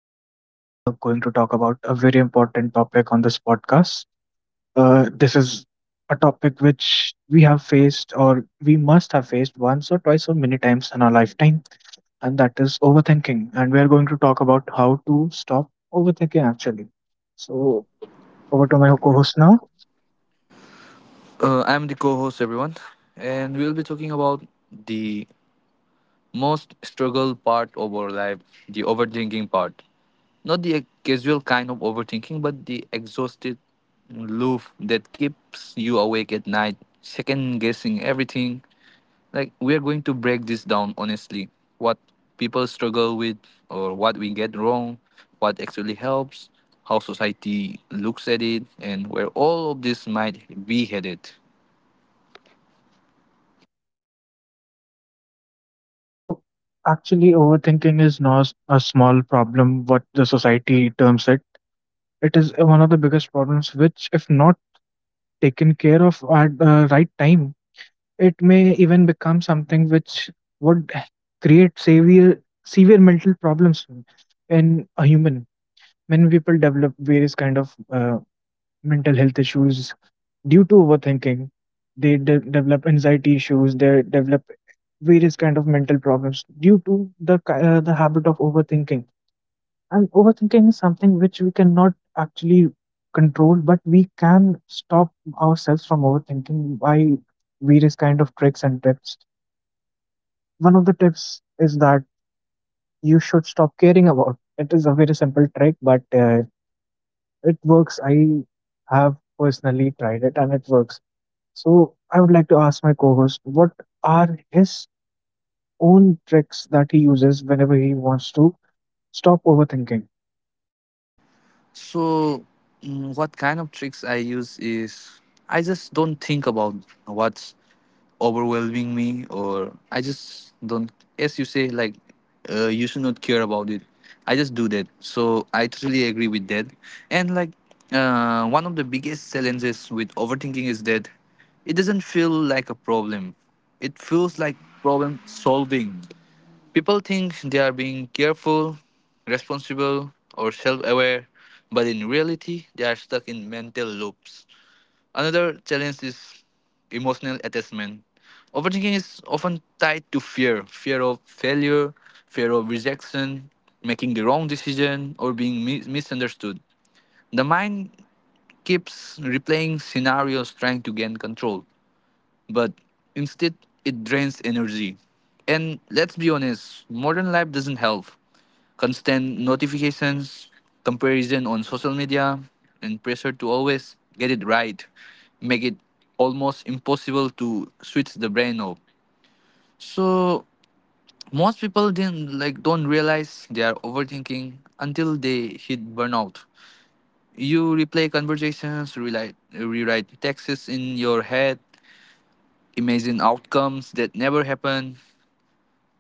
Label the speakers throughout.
Speaker 1: host are going to talk about a very important topic on this podcast. This is a topic which we have faced or we must have faced once or twice or many times in our lifetime, and that is overthinking. And we are going to talk about how to stop overthinking actually. So, over to my co host now.
Speaker 2: I'm the co host, everyone, and we'll be talking about the most struggle part of our life, the overthinking part. Not the casual kind of overthinking, but the exhausted loop that keeps you awake at night, second guessing everything. Like, we are going to break this down honestly, what people struggle with, or what we get wrong, what actually helps, how society looks at it, and where all of this might be headed.
Speaker 1: So, actually, overthinking is not a small problem, what the society terms it, it is one of the biggest problems which if not taken care of at the right time, it may even become something which would create severe mental problems in a human. Many people develop various kind of mental health issues due to overthinking. Develop anxiety issues. They develop various kind of mental problems due to the habit of overthinking, and overthinking is something which we cannot actually control, but we can stop ourselves from overthinking by various kind of tricks and tips. One of the tips is that you should stop caring about. It is a very simple trick, but it works. I have personally tried it, and it works. So I would like to ask my co-host what are his own tricks that he uses whenever he wants to stop overthinking.
Speaker 2: So, what kind of tricks I use is I just don't think about what's overwhelming me, or I just don't, as you say, like, you should not care about it. I just do that. So, I totally agree with that. And, like, one of the biggest challenges with overthinking is that it doesn't feel like a problem, it feels like problem solving. People think they are being careful, responsible, or self aware, but in reality, they are stuck in mental loops. Another challenge is emotional attachment. Overthinking is often tied to fear of failure, fear of rejection, making the wrong decision, or being misunderstood. The mind keeps replaying scenarios trying to gain control, but instead, it drains energy. And let's be honest, modern life doesn't help: constant notifications, comparison on social media, and pressure to always get it right make it almost impossible to switch the brain off. So most people didn't like don't realize they are overthinking until they hit burnout. You replay conversations, rewrite texts in your head, imagine outcomes that never happen.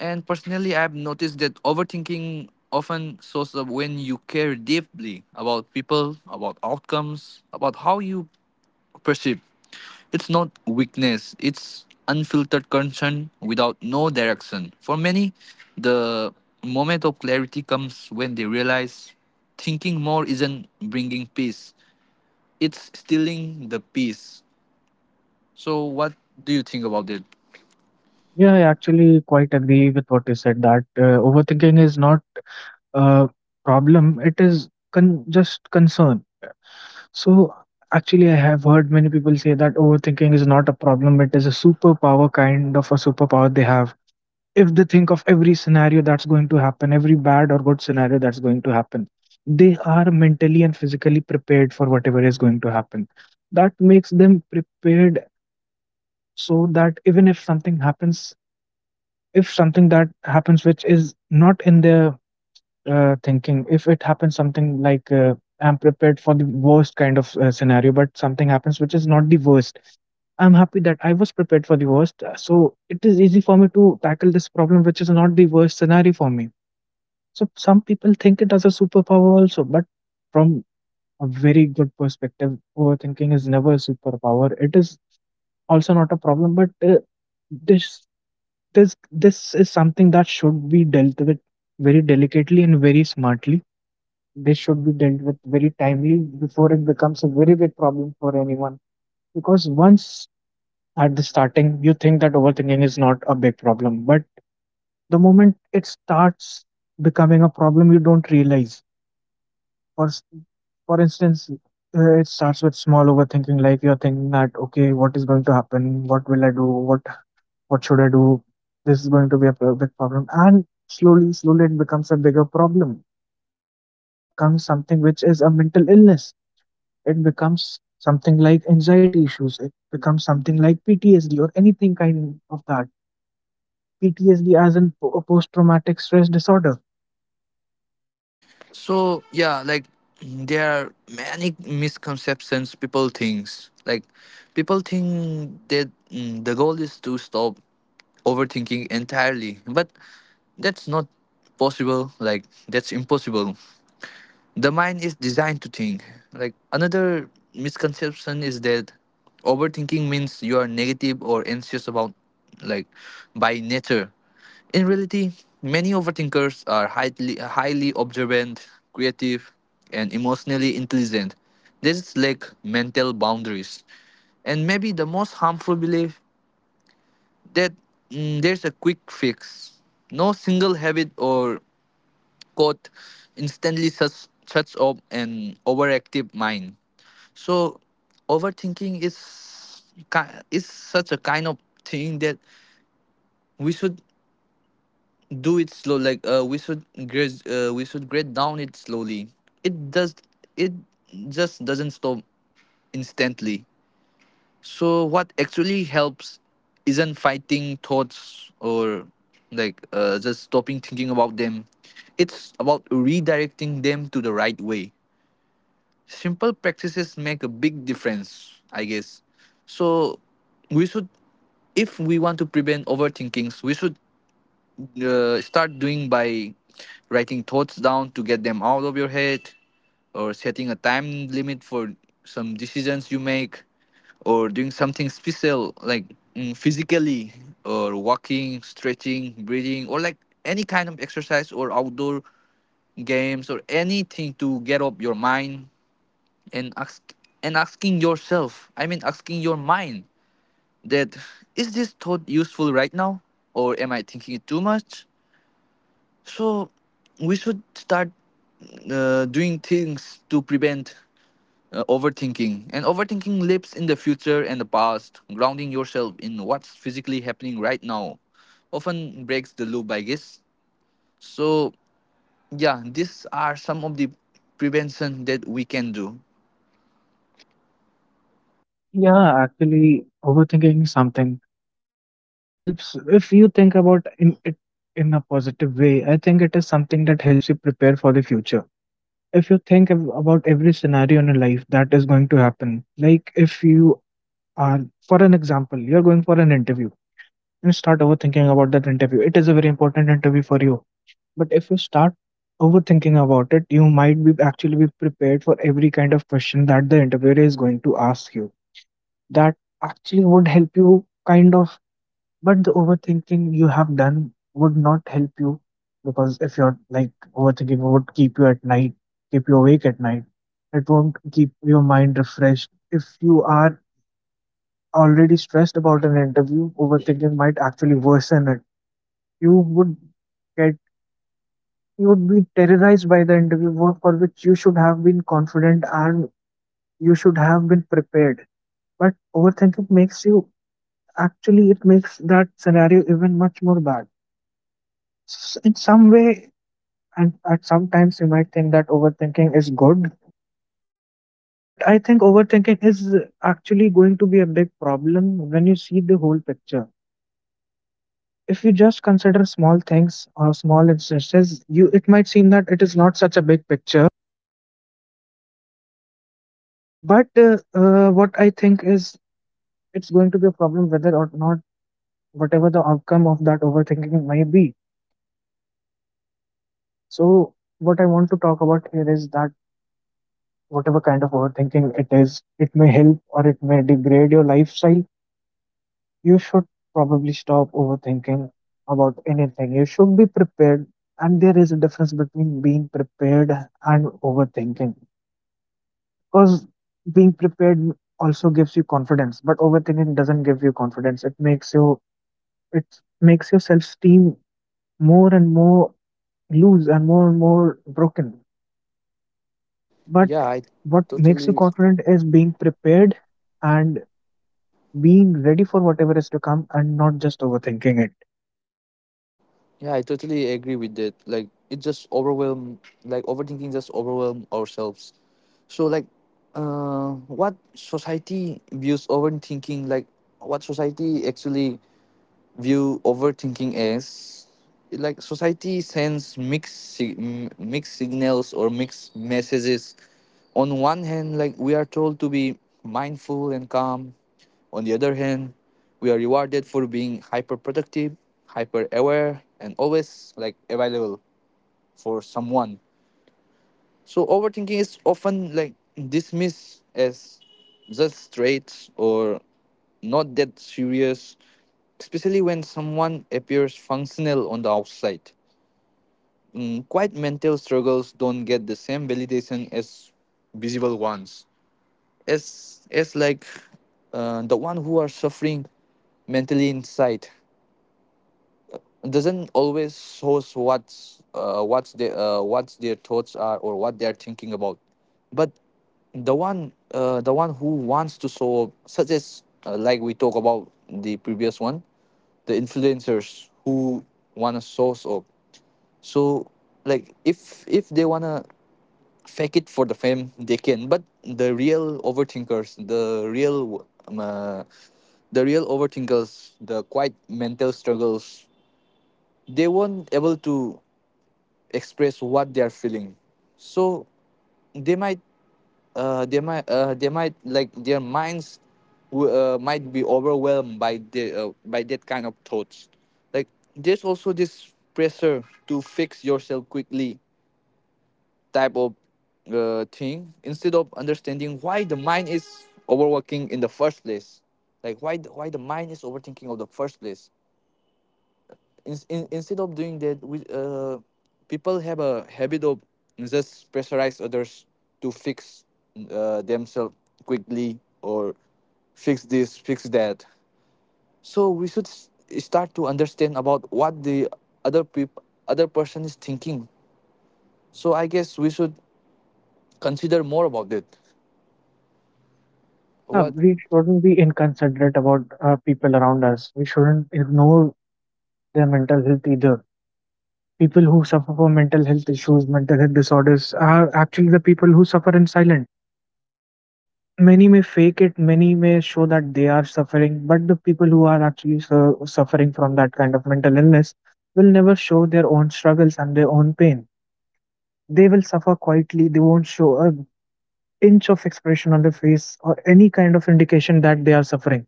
Speaker 2: And personally, I've noticed that overthinking often shows up when you care deeply, about people, about outcomes, about how you perceive. It's not weakness, it's unfiltered concern without no direction. For many, the moment of clarity comes when they realize thinking more isn't bringing peace, it's stealing the peace. So, what do you think about it?
Speaker 1: Yeah, I actually quite agree with what you said that overthinking is not a problem, it is just concern. So, actually, I have heard many people say that overthinking is not a problem, it is a superpower, kind of a superpower they have. If they think of every scenario that's going to happen, every bad or good scenario that's going to happen, they are mentally and physically prepared for whatever is going to happen. That makes them prepared so that even if something happens, if something that happens which is not in their thinking, if it happens, something like I'm prepared for the worst kind of scenario, but something happens which is not the worst, I'm happy that I was prepared for the worst. So it is easy for me to tackle this problem which is not the worst scenario for me. So some people think it as a superpower also, but from a very good perspective, overthinking is never a superpower. It is also not a problem, but this this is something that should be dealt with very delicately and very smartly. This should be dealt with very timely before it becomes a very big problem for anyone, because once at the starting you think that overthinking is not a big problem, but the moment it starts becoming a problem you don't realize. for s- for instance, it starts with small overthinking, like you're thinking that, okay, what is going to happen, what will I do, what should I do? This is going to be a big problem. And slowly, slowly, it becomes a bigger problem. Overthinking becomes something which is a mental illness. It becomes something like anxiety issues. It becomes something like PTSD or anything kind of that. PTSD as in a post traumatic stress disorder.
Speaker 2: So yeah, like there are many misconceptions people thinks. Like people think that, the goal is to stop overthinking entirely, but that's not possible. Like that's impossible. The mind is designed to think. Like another misconception is that overthinking means you are negative or anxious about, like, by nature. In reality, many overthinkers are highly observant, creative, and emotionally intelligent. They just lack mental boundaries. And maybe the most harmful belief, that, there's a quick fix. No single habit or quote instantly shuts off an overactive mind. So, overthinking is is such a kind of thing that we should do it slow. Like, we should grade down it slowly. It does, it just doesn't stop instantly. So, what actually helps isn't fighting thoughts or, like, just stopping thinking about them. It's about redirecting them to the right way. Simple practices make a big difference, I guess. So we should, if we want to prevent overthinkings, we should, start doing by writing thoughts down to get them out of your head, or setting a time limit for some decisions you make, or doing something special, like, physically, or walking, stretching, breathing, or like any kind of exercise or outdoor games or anything to get up your mind. and ask and asking yourself, I mean asking your mind, that is this thought useful right now, or am I thinking it too much? So we should start, doing things to prevent, overthinking. And overthinking lives in the future and the past. Grounding yourself in what's physically happening right now often breaks the loop, I guess. So yeah, these are some of the prevention that we can do.
Speaker 1: Yeah, actually, overthinking is something that helps. If you think about in it in a positive way, I think it is something that helps you prepare for the future if you think about every scenario in your life that is going to happen, like if you are, for an example, you're going for an interview and start overthinking about that interview, it is a very important interview for you. But if you start overthinking about it, you might be actually be prepared for every kind of question that the interviewer is going to ask you. That actually would help you kind of, but the overthinking you have done would not help you, because if you're like overthinking would keep you at night, keep you awake at night. It won't keep your mind refreshed. If you are already stressed about an interview, overthinking might actually worsen it. You would get, you would be terrorized by the interview for which you should have been confident and you should have been prepared. But overthinking makes you, actually it makes that scenario even much more bad in some way. And at sometimes you might think that overthinking is good, but I think overthinking is actually going to be a big problem when you see the whole picture. If you just consider small things or small instances, you it might seem that it is not such a big picture. But what I think is it's going to be a problem whether or not, whatever the outcome of that overthinking may be. So what I want to talk about here is that whatever kind of overthinking it is, it may help or it may degrade your lifestyle. You should probably stop overthinking about anything. You should be prepared, and there is a difference between being prepared and overthinking, because being prepared also gives you confidence, but overthinking doesn't give you confidence. It makes you, it makes your self esteem more and more loose and more broken. But
Speaker 2: Yeah, I
Speaker 1: what makes you
Speaker 2: totally
Speaker 1: confident is being prepared and being ready for whatever is to come and not just overthinking it.
Speaker 2: Yeah, I totally agree with that. Like it just overwhelm, like overthinking just overwhelm ourselves. So like, uh what society views overthinking, like what society actually view overthinking is, like society sends mixed signals or mixed messages. On one hand, like, we are told to be mindful and calm. On the other hand, we are rewarded for being hyper productive, hyper aware, and always like available for someone. So overthinking is often like dismissed as just straight or not that serious, especially when someone appears functional on the outside. Quiet mental struggles don't get the same validation as visible ones. As like, the one who are suffering mentally inside doesn't always shows what's their thoughts are or what they're thinking about. But the one who wants to show, such as, like we talk about the previous one, the influencers who want to source up. So like if they want to fake it for the fame they can, but the real overthinkers, the real overthinkers, the quiet mental struggles, they weren't able to express what they are feeling. So they might, they might, like, their minds might be overwhelmed by the by that kind of thoughts. Like there's also this pressure to fix yourself quickly type of, thing, instead of understanding why the mind is overworking in the first place, like why why the mind is overthinking of the first place. Instead of doing that, we, people have a habit of just pressurize others to fix, themselves quickly, or fix this, fix that. So we should start to understand about what the other peop- other person is thinking. So I guess we should consider more about it.
Speaker 1: Yeah,
Speaker 2: What?
Speaker 1: we shouldn't be inconsiderate about people around us. We shouldn't ignore their mental health either. People who suffer from mental health issues, mental health disorders are actually the people who suffer in silence. Many may fake it, many may show that they are suffering, but the people who are actually suffering from that kind of mental illness will never show their own struggles and their own pain. They will suffer quietly, they won't show a inch of expression on their face or any kind of indication that they are suffering.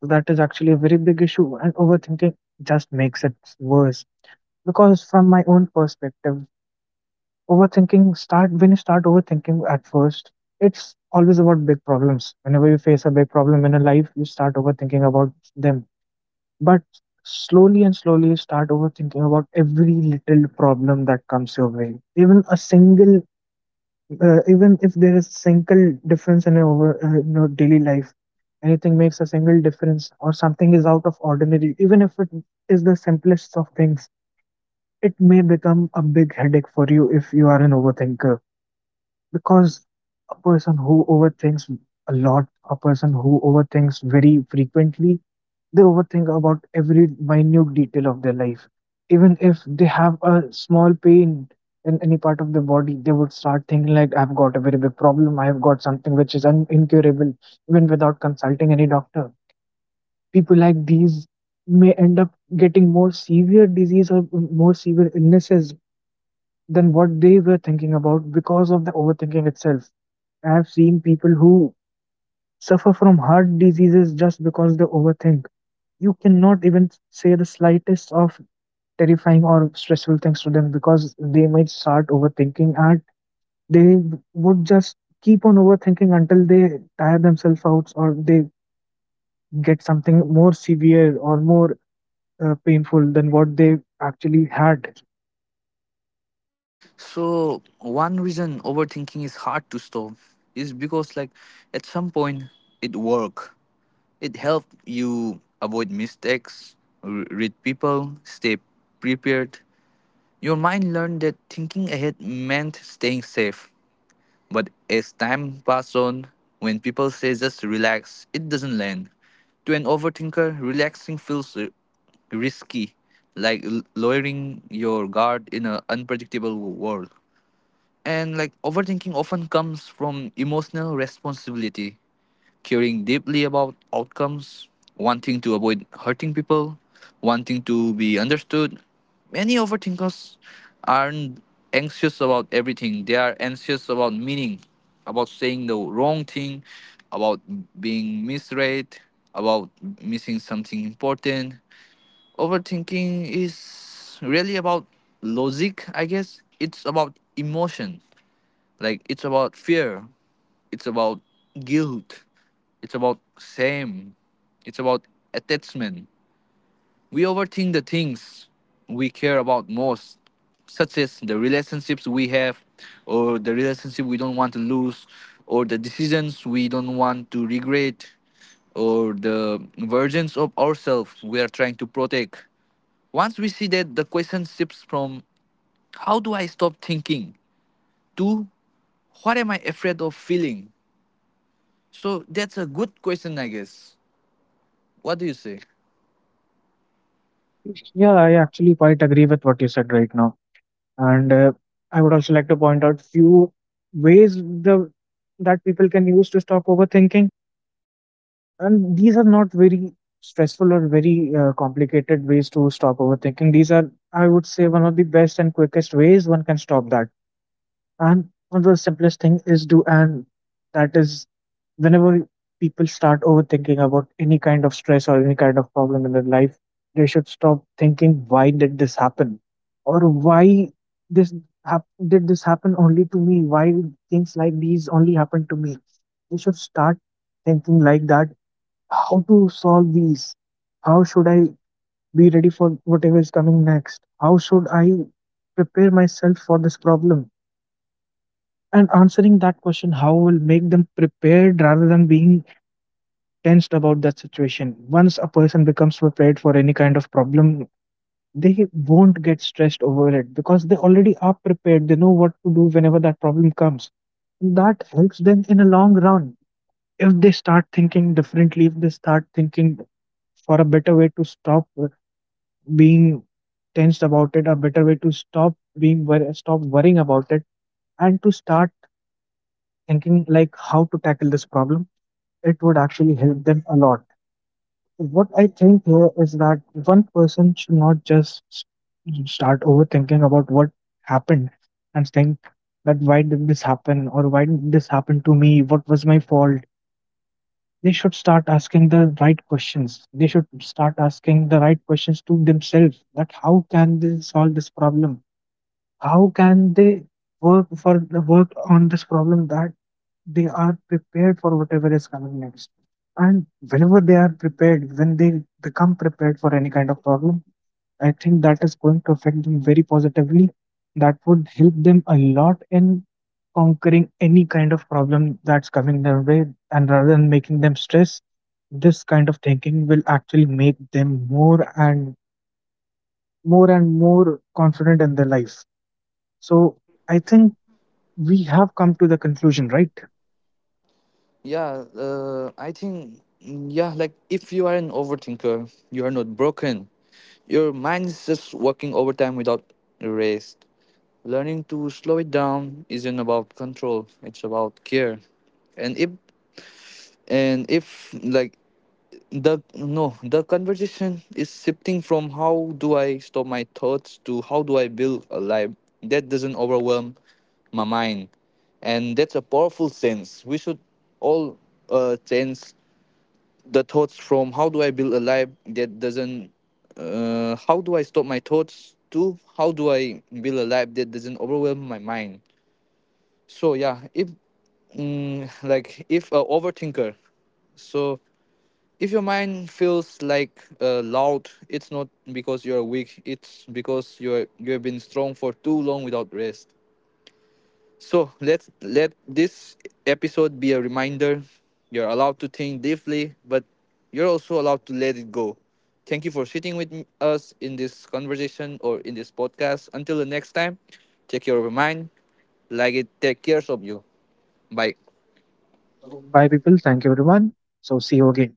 Speaker 1: So, that is actually a very big issue, and overthinking just makes it worse. Because, from my own perspective, overthinking start when you start overthinking at first, it's always about big problems. Whenever you face a big problem in a life, you start overthinking about them. But slowly and slowly, you start overthinking about every little problem that comes your way. Even a single even if there is single difference in our, you know, daily life, anything makes a single difference or something is out of ordinary, even if it is the simplest of things, it may become a big headache for you if you are an overthinker, because a person who overthinks a lot, a person who overthinks very frequently, they overthink about every minute detail of their life. Even if they have a small pain in any part of the body, they would start thinking like, I've got a very big problem. I've got something which is incurable, even without consulting any doctor. People like these may end up getting more severe disease or more severe illnesses than what they were thinking about because of the overthinking itself. I've seen people who suffer from heart diseases just because they overthink. You cannot even say the slightest of terrifying or stressful things to them because they might start overthinking and they would just keep on overthinking until they tire themselves out or they get something more severe or more painful than what they actually had.
Speaker 2: So one reason overthinking is hard to stop is because, like, at some point it work. It helps you avoid mistakes, read people, stay prepared. Your mind learned that thinking ahead meant staying safe. But as time passes on, when people say just relax, it doesn't land. To an overthinker, relaxing feels risky, like lowering your guard in an unpredictable world. And like overthinking often comes from emotional responsibility, caring deeply about outcomes, wanting to avoid hurting people, wanting to be understood. Many overthinkers aren't anxious about everything, they are anxious about meaning, about saying the wrong thing, about being misread, about missing something important. Overthinking is really about logic, I guess. It's about emotion, like it's about fear, it's about guilt, it's about shame. It's about attachment. We overthink the things we care about most, such as the relationships we have, or the relationship we don't want to lose, or the decisions we don't want to regret, or the versions of ourselves we are trying to protect. Once we see that, the question shifts from how do I stop thinking to what am I afraid of feeling? So that's a good question, I guess. What do you say?
Speaker 1: Yeah, I actually quite agree with what you said right now, and I would also like to point out few ways the that people can use to stop overthinking, and these are not very stressful or very complicated ways to stop overthinking. These are, I would say, one of the best and quickest ways one can stop that, and one of the simplest thing is do, and that is whenever people start overthinking about any kind of stress or any kind of problem in their life, they should stop thinking why did this happen, or why this did this happen only to me, why things like these only happen to me. They should start thinking like that, how to solve these? How should I be ready for whatever is coming next? How should I prepare myself for this problem? And answering that question, how, will make them prepared rather than being tensed about that situation. Once a person becomes prepared for any kind of problem, they won't get stressed over it because they already are prepared. They know what to do whenever that problem comes. That helps them in a long run. If they start thinking differently, if they start thinking for a better way to stop being tensed about it, a better way to stop being stop worrying about it, and to start thinking like how to tackle this problem, it would actually help them a lot. What I think here is that one person should not just start overthinking about what happened and think that why did this happen or why did this happen to me, what was my fault. They should start asking the right questions. They should start asking the right questions to themselves, that how can they solve this problem? How can they work for the work on this problem that they are prepared for whatever is coming next? And whenever they are prepared, when they become prepared for any kind of problem, I think that is going to affect them very positively. That would help them a lot in conquering any kind of problem that's coming their way, and rather than making them stress, this kind of thinking will actually make them more and more confident in their life. So I think we have come to the conclusion, right?
Speaker 2: Yeah, I think, yeah, like if you are an overthinker, you are not broken. Your mind is just working overtime without rest. Learning to slow it down isn't about control; it's about care. And if and if like the no the conversation is shifting from how do I stop my thoughts to how do I build a life that doesn't overwhelm my mind, and that's a powerful sense. We should all, change the thoughts from how do I build a life that doesn't, how do I stop my thoughts to how do I build a life that doesn't overwhelm my mind. So yeah, if, like if a overthinker, so if your mind feels like, loud, it's not because you're weak. It's because you have been strong for too long without rest. So let's let this episode be a reminder. You're allowed to think deeply, but you're also allowed to let it go. Thank you for sitting with us in this conversation or in this podcast. Until the next time, take care of your mind, like it, take care of you. Bye.
Speaker 1: Bye people, thank you everyone, so see you again.